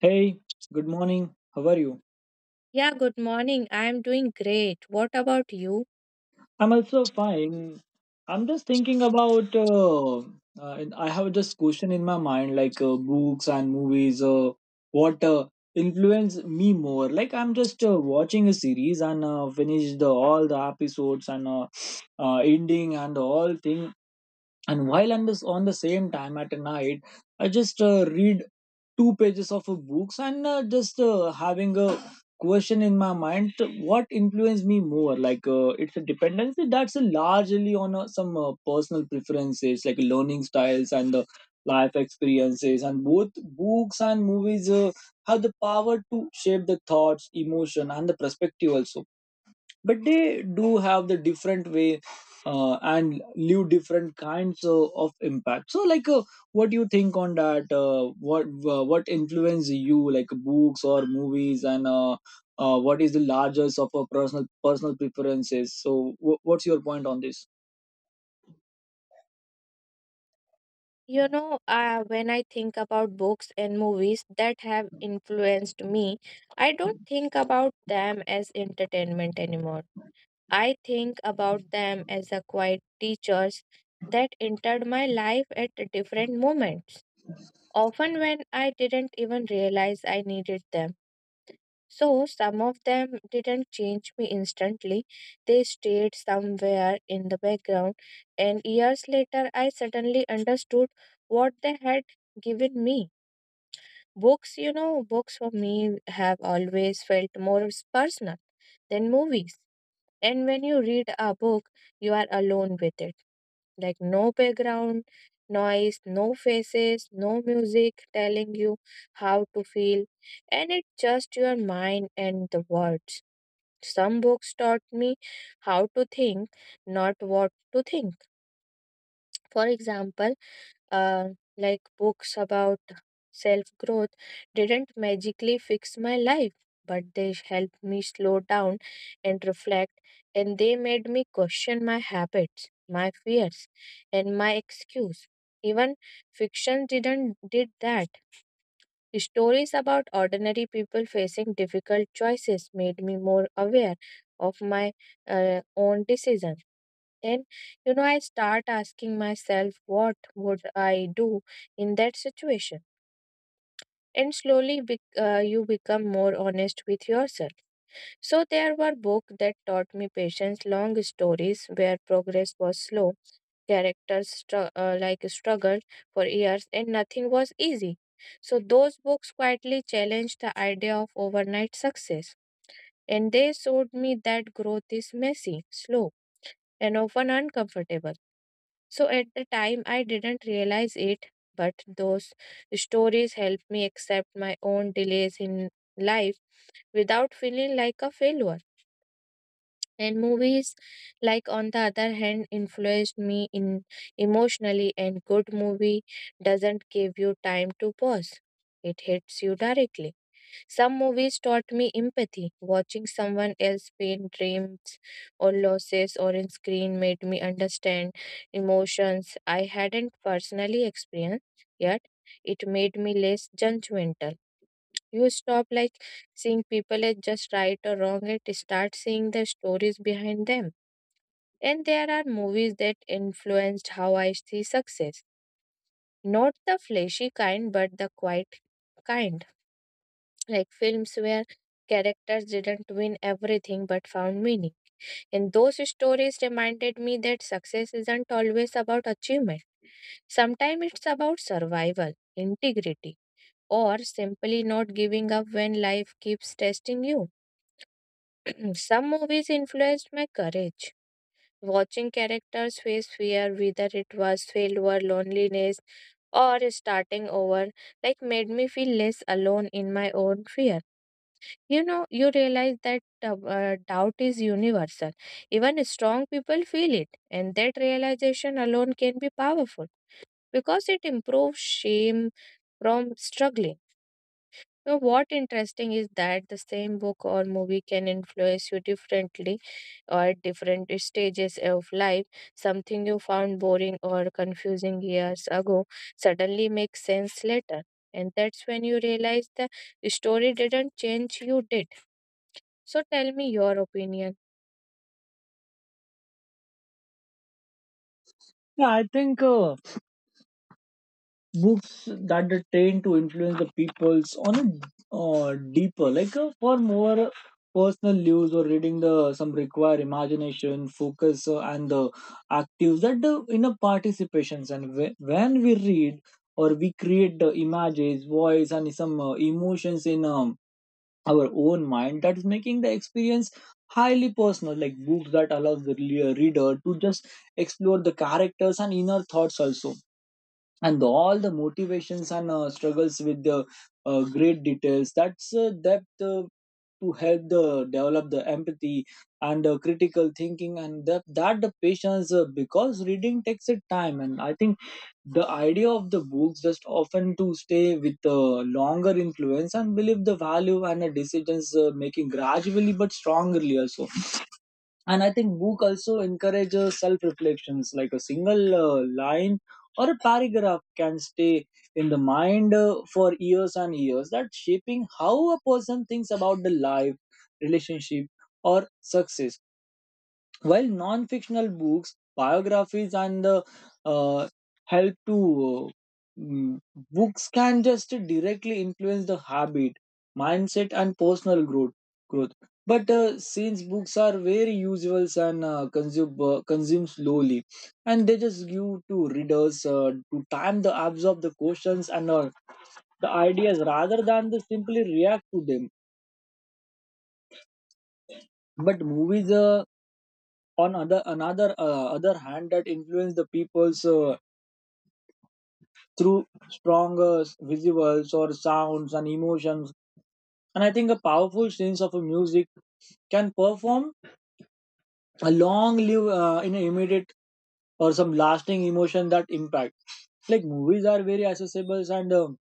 Hey, good morning. How are you? Yeah, good morning. I'm doing great. What about you? I'm also fine. I'm just thinking about. And I have this question in my mind, like books and movies. What influenced me more? Like I'm just watching a series and finish the all the episodes and ending and all thing. And while I'm just on the same time at night, I just read two pages of a books and just having a question in my mind what influenced me more like it's a dependency that's largely on some personal preferences like learning styles and the life experiences, and both books and movies have the power to shape the thoughts emotion and the perspective also, but they do have the different way and leave different kinds of impact, so like what do you think on that, what influence you, like books or movies? And what is the largest of a personal preferences? So what's your point on this? When I think about books and movies that have influenced me, I don't think about them as entertainment anymore. I think about them as a quiet teachers that entered my life at different moments, often when I didn't even realize I needed them. So some of them didn't change me instantly. They stayed somewhere in the background, and years later, I suddenly understood what they had given me. Books for me have always felt more personal than movies. And when you read a book, you are alone with it. Like no background noise, no faces, no music telling you how to feel, and it's just your mind and the words. Some books taught me how to think, not what to think. For example, uh, like books about self growth didn't magically fix my life, but they helped me slow down and reflect, and they made me question my habits, my fears, and my excuse. Even fiction didn't did that. Stories about ordinary people facing difficult choices made me more aware of my own decisions. And I start asking myself, what would I do in that situation? And slowly, bec you become more honest with yourself. So there were books that taught me patience, long stories where progress was slow, characters struggled for years and nothing was easy. So those books quietly challenged the idea of overnight success and they showed me that growth is messy, slow, and often uncomfortable. So at the time I didn't realize it, but those stories helped me accept my own delays in life without feeling like a failure. And movies, like on the other hand, influenced me in emotionally. And good movie doesn't give you time to pause; it hits you directly. Some movies taught me empathy. Watching someone else pain, dreams, or losses, or in screen made me understand emotions I hadn't personally experienced yet. It made me less judgmental. You stop like seeing people as just right or wrong, it start seeing the stories behind them. And there are movies that influenced how I see success. Not the flashy kind, but the quiet kind. Like films where characters didn't win everything but found meaning. And those stories reminded me that success isn't always about achievement. Sometimes it's about survival, integrity, or simply not giving up when life keeps testing you. Hmm. Some movies influenced my courage. Watching characters face fear, whether it was failure, loneliness, or starting over, like made me feel less alone in my own fear. You realize that doubt is universal. Even strong people feel it, and that realization alone can be powerful because it improves shame from struggling. Now, what interesting is that the same book or movie can influence you differently or at different stages of life. Something you found boring or confusing years ago suddenly makes sense later. And that's when you realize the story didn't change, you did. So tell me your opinion. Yeah, I think books that are trained to influence the peoples on a deeper, like for more personal use, or reading the some require imagination focus, and the actives that in a participations. And when we read or we create the images voice and some emotions in our own mind, that is making the experience highly personal, like books that allows the reader to just explore the characters and inner thoughts also, and all the motivations and struggles with the great details, that's depth to help the develop the empathy and critical thinking, and that the patience, because reading takes a time. And I think the idea of the books just often to stay with the longer influence and believe the value and the decisions making gradually but strongly also. And I think book also encourages self reflections, like a single line or a paragraph can stay in the mind for years and years, that shaping how a person thinks about the life, relationship, or success, while non fictional books, biographies, and the uh, help to mm, books can just directly influence the habit, mindset, and personal growth. But since books are very usual and consume slowly, and they just give to readers to time to absorb the questions and the ideas, rather than to simply react to them. But movies on other hand that influence the people's through strong visuals or sounds and emotions. And I think a powerful sense of a music can perform a long live in an immediate or some lasting emotion that impact, like movies are very accessible and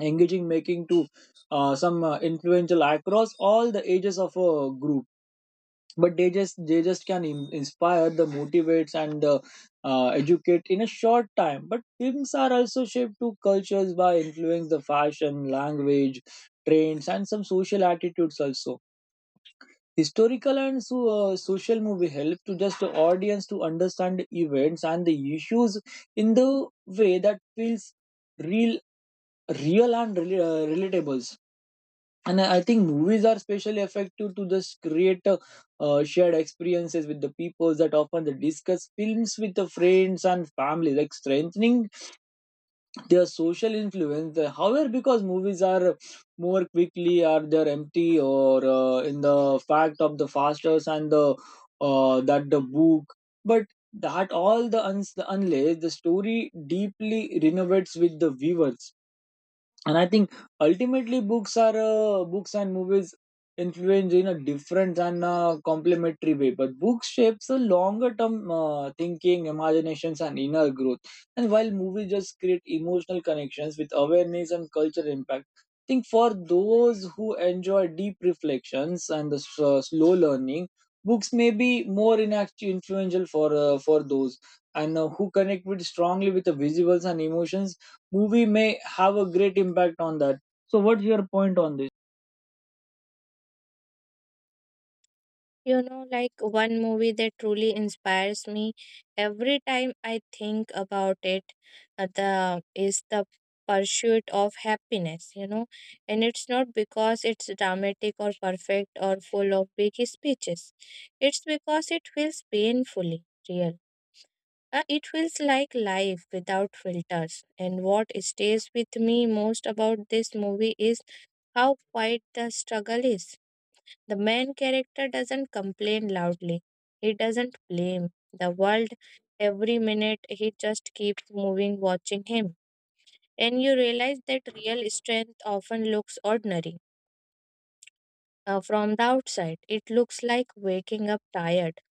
engaging, making to some influential across all the ages of a group, but they just can inspire the motivates and the educate in a short time. But films are also shaped to cultures by influence the fashion language trends and some social attitudes also. Historical and so, social movie help to just the audience to understand the events and the issues in the way that feels real real and relatable. And I think movies are especially effective to just create a, shared experiences with the people, that often they discuss films with the friends and family, like strengthening their social influence. However, because movies are more quickly or they're empty or in the fact of the fastest and the that the book, but that all the unless the story deeply renovates with the viewers. And I think ultimately books and movies influence in a different and complementary way, but books shapes a longer term thinking imaginations and inner growth, and while movies just create emotional connections with awareness and cultural impact. I think for those who enjoy deep reflections and the slow learning, books may be more influential for those and who connect with strongly with the visuals and emotions, movie may have a great impact on that. So what's your point on this? Like one movie that truly inspires me every time I think about it, the is the pursuit of happiness. And it's not because it's dramatic or perfect or full of big speeches. It's because it feels painfully real. It feels like life without filters. And what stays with me most about this movie is how quiet the struggle is. The main character doesn't complain loudly. He doesn't blame the world every minute. He just keeps moving, watching him. And you realize that real strength often looks ordinary. From the outside, it looks like waking up tired.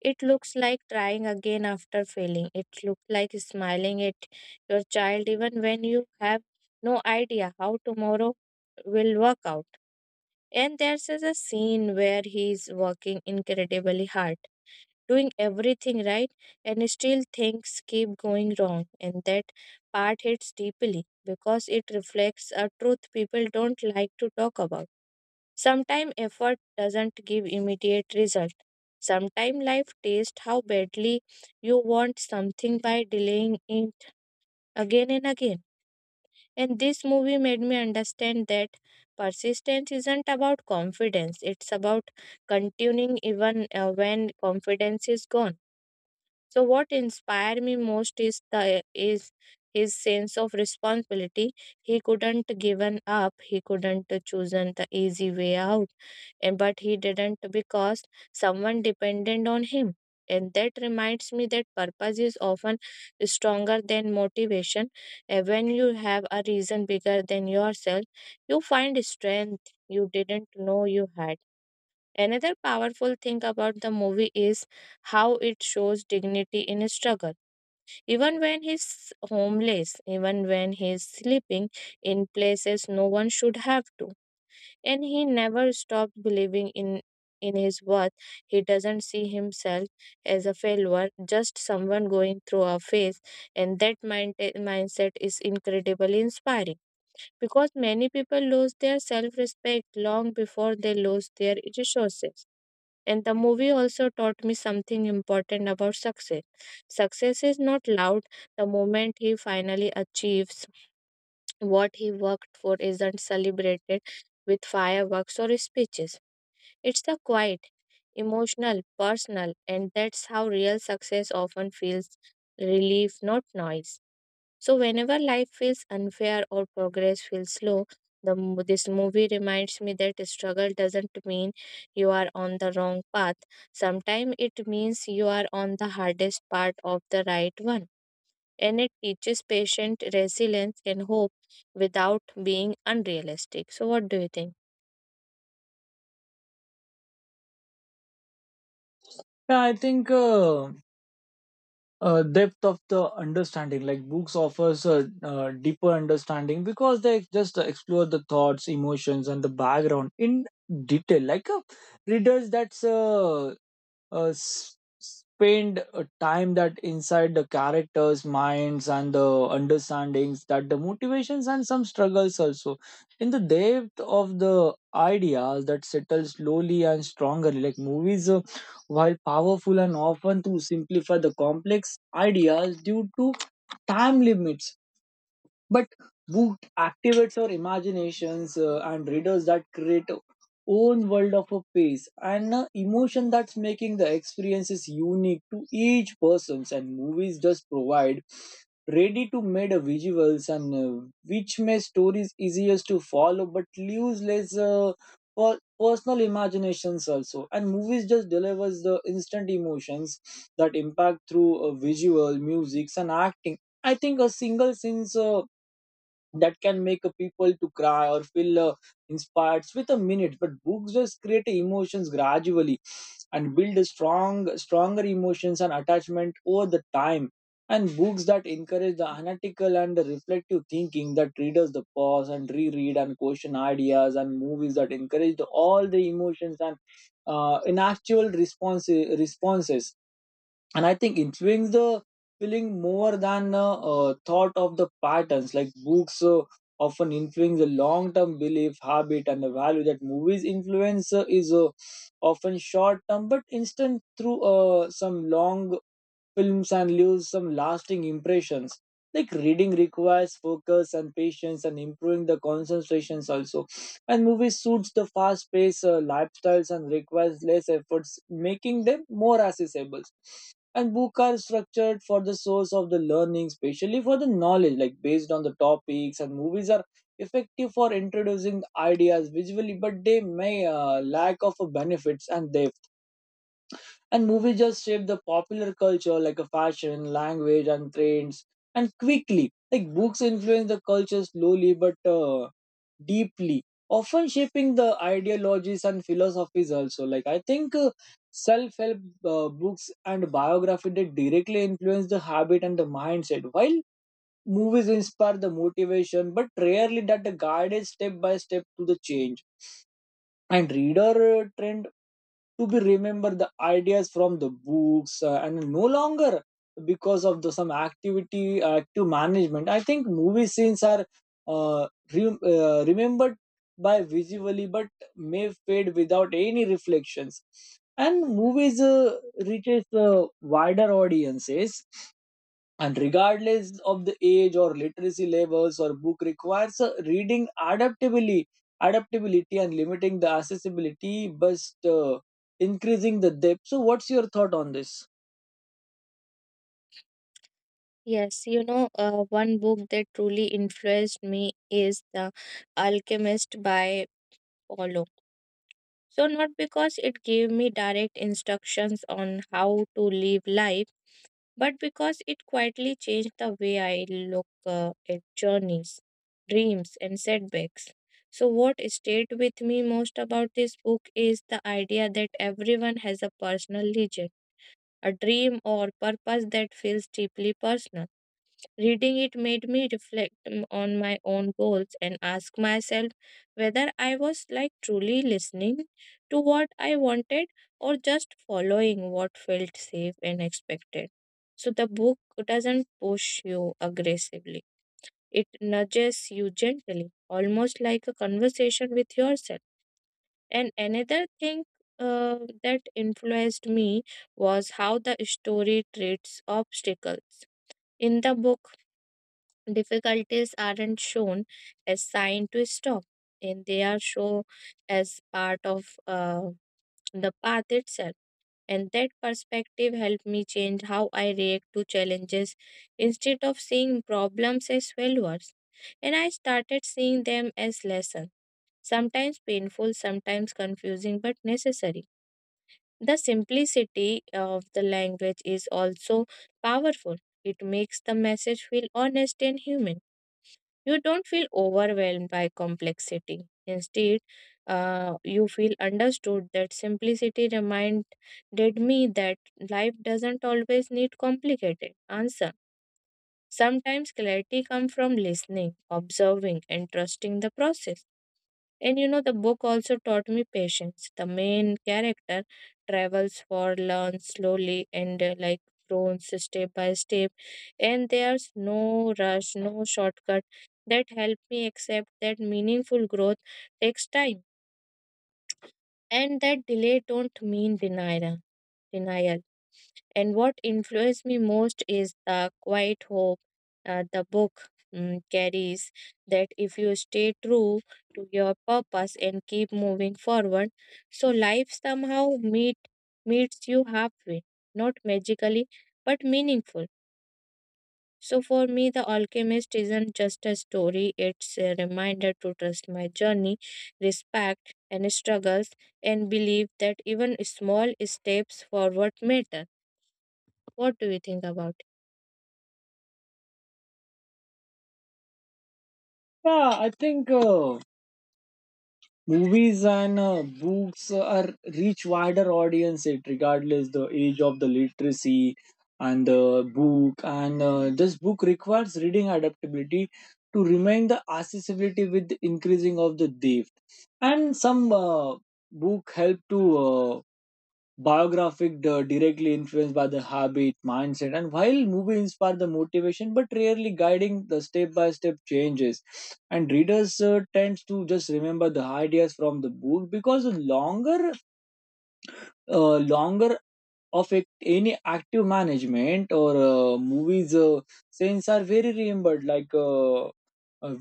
It looks like trying again after failing. It looks like smiling at your child even when you have no idea how tomorrow will work out. And there's a scene where he's working incredibly hard, doing everything right, and still things keep going wrong. And that part hits deeply because it reflects a truth people don't like to talk about. Sometimes effort doesn't give immediate result. Sometimes life tests how badly you want something by delaying it again and again. And this movie made me understand that persistence isn't about confidence, it's about continuing even when confidence is gone. So what inspired me most is the is his sense of responsibility. He couldn't given up. He couldn't chosen the easy way out, and but he didn't because someone depended on him. And that reminds me that purpose is often stronger than motivation. And when you have a reason bigger than yourself, you find strength you didn't know you had. Another powerful thing about the movie is how it shows dignity in struggle. Even when he's homeless, even when he's sleeping in places no one should have to. And he never stops believing in his worth. He doesn't see himself as a failure, just someone going through a phase. And that mindset is incredibly inspiring because many people lose their self respect long before they lose their resources. And the movie also taught me something important about success. Success is not loud. The moment he finally achieves what he worked for isn't celebrated with fireworks or speeches. It's the quiet, emotional, personal, and that's how real success often feels relief, not noise. So whenever life feels unfair or progress feels slow, the this movie reminds me that struggle doesn't mean you are on the wrong path. Sometimes it means you are on the hardest part of the right one. And it teaches patient resilience and hope without being unrealistic. So what do you think? Yeah, I think depth of the understanding, like books offers a deeper understanding because they just explore the thoughts emotions and the background in detail. Like readers spend a time that inside the characters minds and the understandings that the motivations and some struggles also, in the depth of the ideas that settle slowly and stronger, like movies, while powerful and often to simplify the complex ideas due to time limits. But book activates our imaginations and readers that create a own world of a pace and emotion, that's making the experiences unique to each person's. And movies just provide ready to made visuals and which makes stories easiest to follow, but leaves less for personal imaginations also. And movies just delivers the instant emotions that impact through visual music and acting. I think a single scene's that can make a people to cry or feel inspired with a minute, but books just create emotions gradually and build a stronger emotions and attachment over the time. And books that encourage the analytical and the reflective thinking, that readers the pause and reread and question ideas, and movies that encourage the, all the emotions and in actual responses. And I think it brings the feeling more than thought of the patterns. Like books often influence the long-term belief habit and the value, that movies influence is often short-term but instant through some long films and leaves some lasting impressions. Like reading requires focus and patience and improving the concentrations also. And movies suits the fast paced lifestyles and requires less efforts, making them more accessible. And books are structured for the source of the learning, especially for the knowledge, like based on the topics. And movies are effective for introducing ideas visually, but they may lack of benefits and depth. And movies just shape the popular culture like a fashion, language, and trends, and quickly. Like books influence the culture slowly but deeply, often shaping the ideologies and philosophies also. Like I think self-help books and biography, they directly influence the habit and the mindset, while movies inspire the motivation, but rarely that the guided step by step to the change. And reader trend to be remember the ideas from the books and no longer because of the some activity active management. I think movie scenes are uh, remembered by visually, but may fade without any reflections. And movies reaches wider audiences and regardless of the age or literacy levels, or book requires a reading adaptability and limiting the accessibility but increasing the depth. So what's your thought on this? Yes, one book that truly influenced me is The Alchemist by Paulo. So, not because it gave me direct instructions on how to live life, but because it quietly changed the way I look at journeys, dreams, and setbacks. So, what stayed with me most about this book is the idea that everyone has a personal legend, a dream or purpose that feels deeply personal. Reading it made me reflect on my own goals and ask myself whether I was like truly listening to what I wanted or just following what felt safe and expected. So the book doesn't push you aggressively. It nudges you gently, almost like a conversation with yourself. And another thing that influenced me was how the story treats obstacles. In the book, difficulties aren't shown as sign to stop, and they are shown as part of the path itself. And that perspective helped me change how I react to challenges instead of seeing problems as failures. And I started seeing them as lessons, sometimes painful, sometimes confusing, but necessary. The simplicity of the language is also powerful. It makes the message feel honest and human. You don't feel overwhelmed by complexity. Instead, you feel understood. That simplicity reminded me that life doesn't always need complicated answer. Sometimes clarity comes from listening, observing, and trusting the process. And the book also taught me patience. The main character travels for, learns slowly, and grows step by step. And there's no rush, no shortcut that helped me accept that meaningful growth takes time and that delay don't mean denial. And what influenced me most is the quiet hope the book carries that if you stay true to your purpose and keep moving forward, so life somehow meets you halfway, not magically, but meaningful. So for me, The Alchemist isn't just a story, it's a reminder to trust my journey, respect and struggles, and believe that even small steps forward matter. What do you think about? Yeah, I think movies and books are reach wider audience it regardless the age of the literacy, and the book and this book requires reading adaptability to remain the accessibility with increasing of the depth, and some book help to uh, biographic directly influenced by the habit mindset, and while movie inspire the motivation but rarely guiding the step by step changes. And readers tends to just remember the ideas from the book because the longer of a, any active management, or movies scenes are very remembered like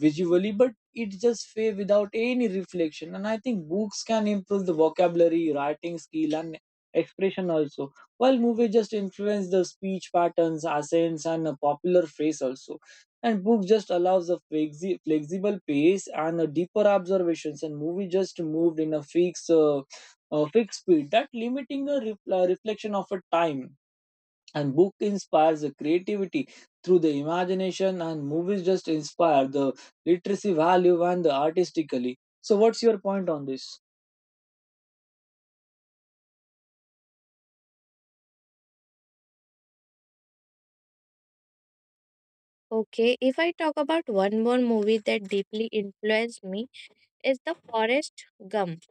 visually, but it just fade without any reflection. And I think books can improve the vocabulary, writing skill, and expression also, while movies just influence the speech patterns, accents, and a popular phrase also. And book just allows a flexible pace and a deeper observations, and movie just moved in a fixed speed that limiting a reflection of a time. And book inspires the creativity through the imagination, and movies just inspire the literacy value and the artistically. So what's your point on this? Okay, if I talk about one more movie that deeply influenced me is The Forest Gump.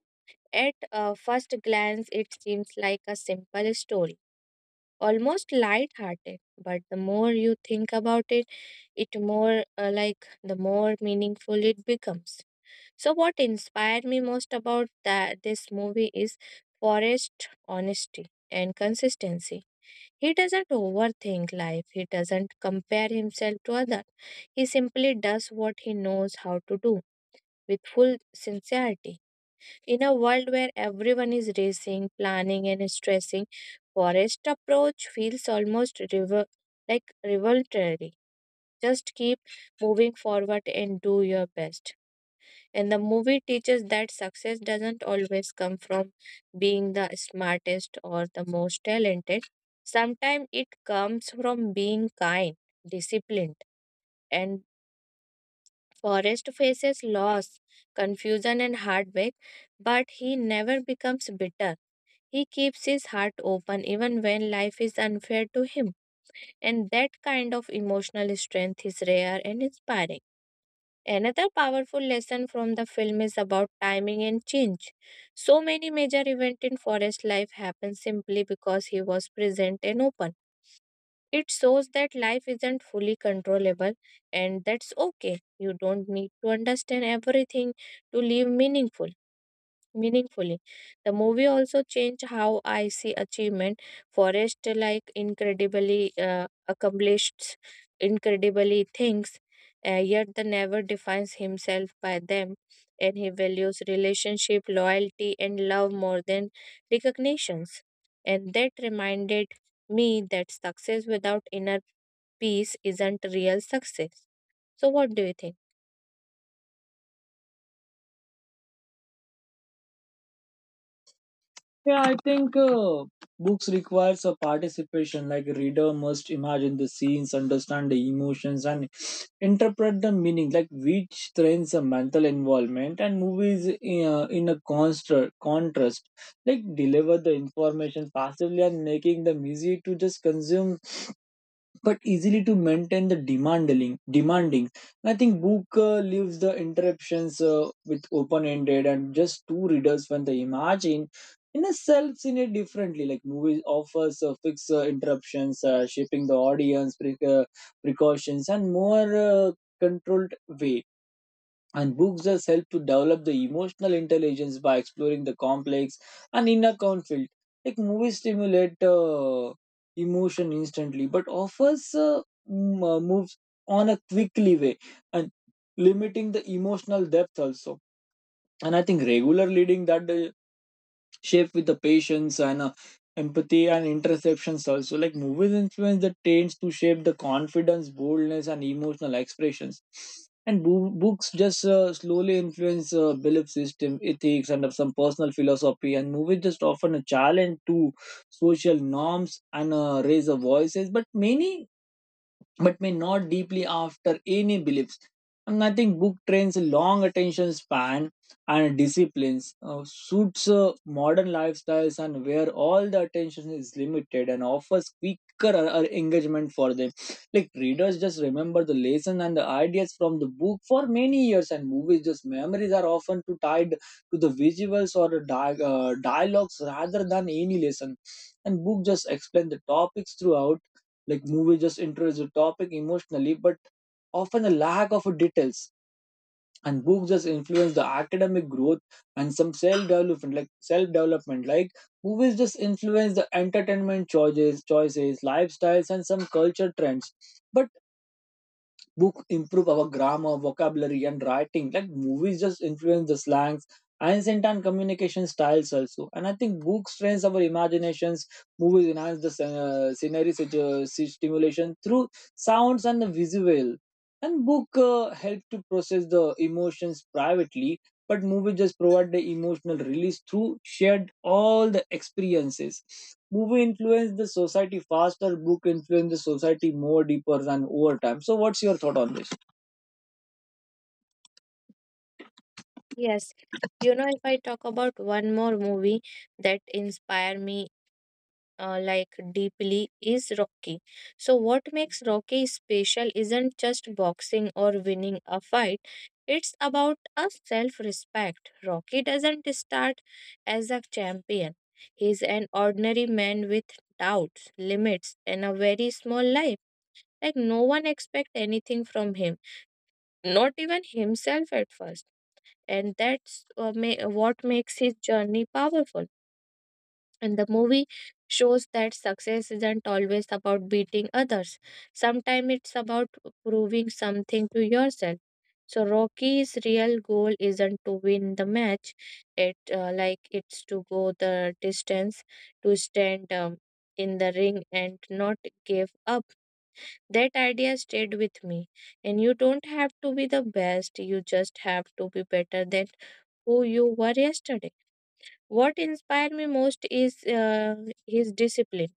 At first glance, it seems like a simple story, almost light-hearted, but the more you think about it, it more like the more meaningful it becomes. So, what inspired me most about that this movie is Forrest's honesty and consistency. He doesn't overthink life. He doesn't compare himself to others. He simply does what he knows how to do with full sincerity. In a world where everyone is racing, planning, and stressing, Forrest's approach feels almost revolutionary. Just keep moving forward and do your best. And the movie teaches that success doesn't always come from being the smartest or the most talented. Sometimes it comes from being kind, disciplined, and Forrest faces loss, confusion, and heartbreak, but he never becomes bitter. He keeps his heart open even when life is unfair to him, and that kind of emotional strength is rare and inspiring. Another powerful lesson from the film is about timing and change. So many major events in forest life happen simply because he was present and open. It shows that life isn't fully controllable and that's okay. You don't need to understand everything to live meaningfully. The movie also changed how I see achievement. Forrest like incredibly accomplished, incredibly things, yet the never defines himself by them, and he values relationship, loyalty, and love more than recognitions. And that reminded me that success without inner peace isn't real success. So, what do you think? Yeah, I think books requires a participation, like a reader must imagine the scenes understand the emotions and interpret the meaning, like which strengths a mental involvement. And movies in a contrast, like deliver the information passively and making the music to just consume but easily to maintain the demanding. I think book leaves the interruptions with open ended and just two readers when they imagine in a self in it differently, like movies offers fixed interruptions shaping the audience precautions and more controlled way. And books thus help to develop the emotional intelligence by exploring the complex and inner conflict. Like movies stimulate emotion instantly, but offers moves on a quickly way and limiting the emotional depth also. And I think regular reading that shaped with the patience and empathy and interceptions also, like movies influence the trends to shape the confidence boldness and emotional expressions and books just slowly influence belief system ethics and some personal philosophy, and movies just often a challenge to social norms and raise the voices but many but may not deeply after any beliefs. And I think book trains a long attention span and disciplines, suits modern lifestyles, and where all the attention is limited and offers quicker engagement for them. Like readers just remember the lesson and the ideas from the book for many years, and movies just memories are often too tied to the visuals or the dialogues rather than any lesson. And book just explain the topics throughout, like movie just introduce the topic emotionally but often a lack of details, and books just influence the academic growth and some self-development, like self-development, like movies just influence the entertainment choices lifestyles and some culture trends, but book improve our grammar, vocabulary, and writing. Like movies just influence the slangs, accent, and communication styles also. And I think books trains our imaginations. Movies enhance the scenery stimulation through sounds and the visual. And book help to process the emotions privately, but movies just provide the emotional release through shared all the experiences. Movie influence the society faster, book influence the society more deeper than over time. So what's your thought on this? Yes, if I talk about one more movie that inspire me deeply is Rocky. So what makes Rocky special isn't just boxing or winning a fight. It's about a self-respect. Rocky doesn't start as a champion. He's an ordinary man with doubts, limits, and a very small life. Like no one expect anything from him, not even himself at first and that's what makes his journey powerful. And the movie shows that success isn't always about beating others. Sometimes it's about proving something to yourself. So Rocky's real goal isn't to win the match. It's to go the distance, to stand in the ring and not give up. That idea stayed with me. And you don't have to be the best. You just have to be better than who you were yesterday. What inspired me most is his discipline.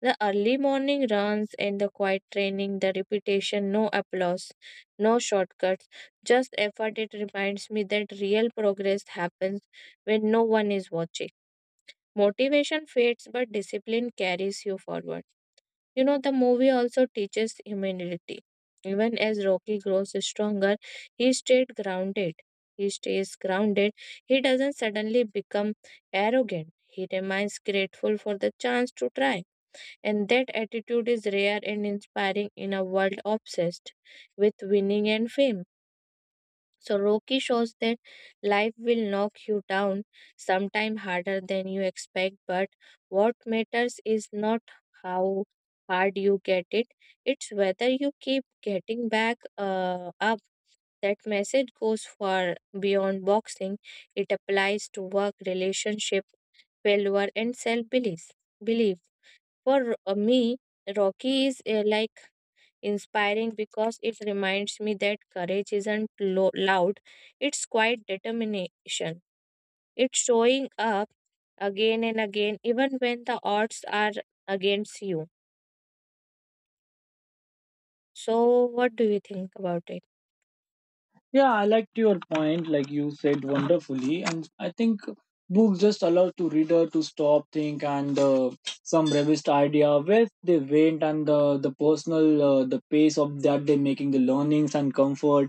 The early morning runs and the quiet training, the repetition, no applause, no shortcuts, just effort. It reminds me that real progress happens when no one is watching. Motivation fades, but discipline carries you forward. The movie also teaches humility. Even as Rocky grows stronger, he stayed grounded. He stays grounded. He doesn't suddenly become arrogant. He remains grateful for the chance to try. And that attitude is rare and inspiring in a world obsessed with winning and fame. So Rocky shows that life will knock you down sometime harder than you expect, but what matters is not how hard you get it, it's whether you keep getting back up. That message goes far beyond boxing. It applies to work, relationship, failure, and self belief for me, Rocky is inspiring because it reminds me that courage isn't loud, it's quite determination. It's showing up again and again, even when the odds are against you. So, what do you think about it? Yeah, I liked your point, like you said wonderfully. And I think books just allow to reader to stop think and some revised idea where they went, and the personal, the pace of that they making the learnings and comfort,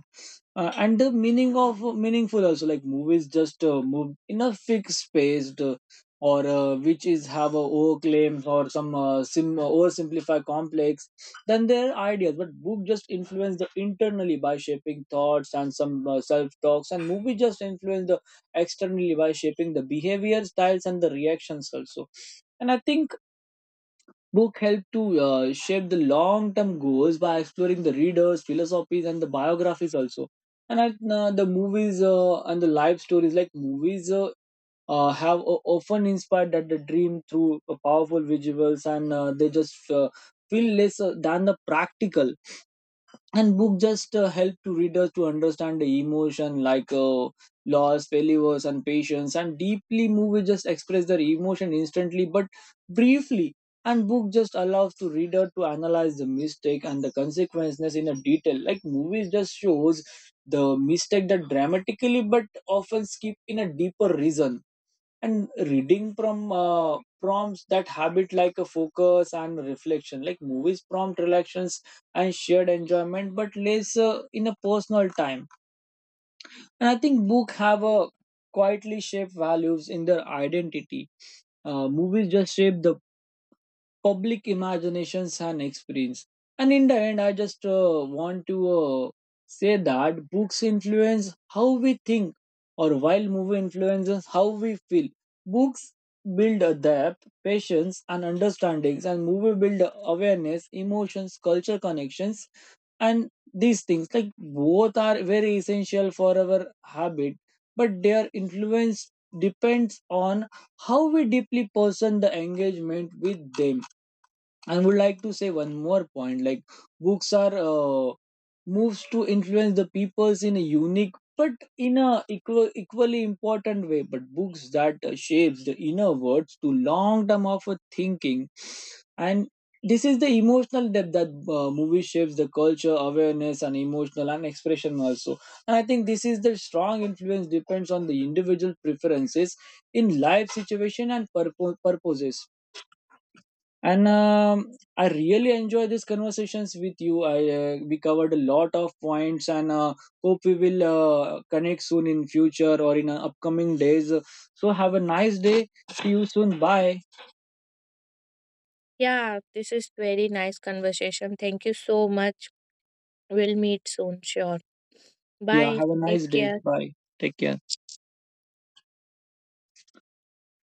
and the meaning of meaningful also. Like movies just move in a fixed space, or which is have a overclaims or some sim oversimplify complex than their ideas. But book just influence the internally by shaping thoughts and some self talks, and movie just influence the externally by shaping the behavior styles and the reactions also. And I think book help to shape the long-term goals by exploring the readers, philosophies, and the biographies also. The movies and the life stories, like movies, have o often inspired that the dream through powerful visuals, and they just feel less than the practical. And book just help to readers to understand the emotion, like loss, failures, and patience, and deeply. Movie just express their emotion instantly but briefly. And book just allows to reader to analyze the mistake and the consequences in a detail, like movies just shows the mistake that dramatically but often skip in a deeper reason. And reading from prompts that habit like a focus and reflection, like movies prompt relations and shared enjoyment but less in a personal time. And I think book have a quietly shaped values in their identity. Movies just shape the public imaginations and experience. And in the end, I just want to uh, say that books influence how we think, or while movie influences how we feel. Books build a depth, patience, and understandings, and movie build awareness, emotions, culture connections, and these things. Like both are very essential for our habit, but their influence depends on how we deeply person the engagement with them. I would like to say one more point. Like books are moves to influence the peoples in a unique but in a equally important way. But books that shapes the inner words to long term of a thinking, and this is the emotional depth that movie shapes the culture, awareness, and emotional and expression also. And I think this is the strong influence depends on the individual preferences in life situation and purposes. And I really enjoy these conversations with you. I we covered a lot of points and hope we will connect soon in future or in upcoming days. So have a nice day, see you soon, bye. Yeah, this is very nice conversation. Thank you so much. We'll meet soon, sure. Yeah, Bye. have a Take nice day, care. bye. Take care.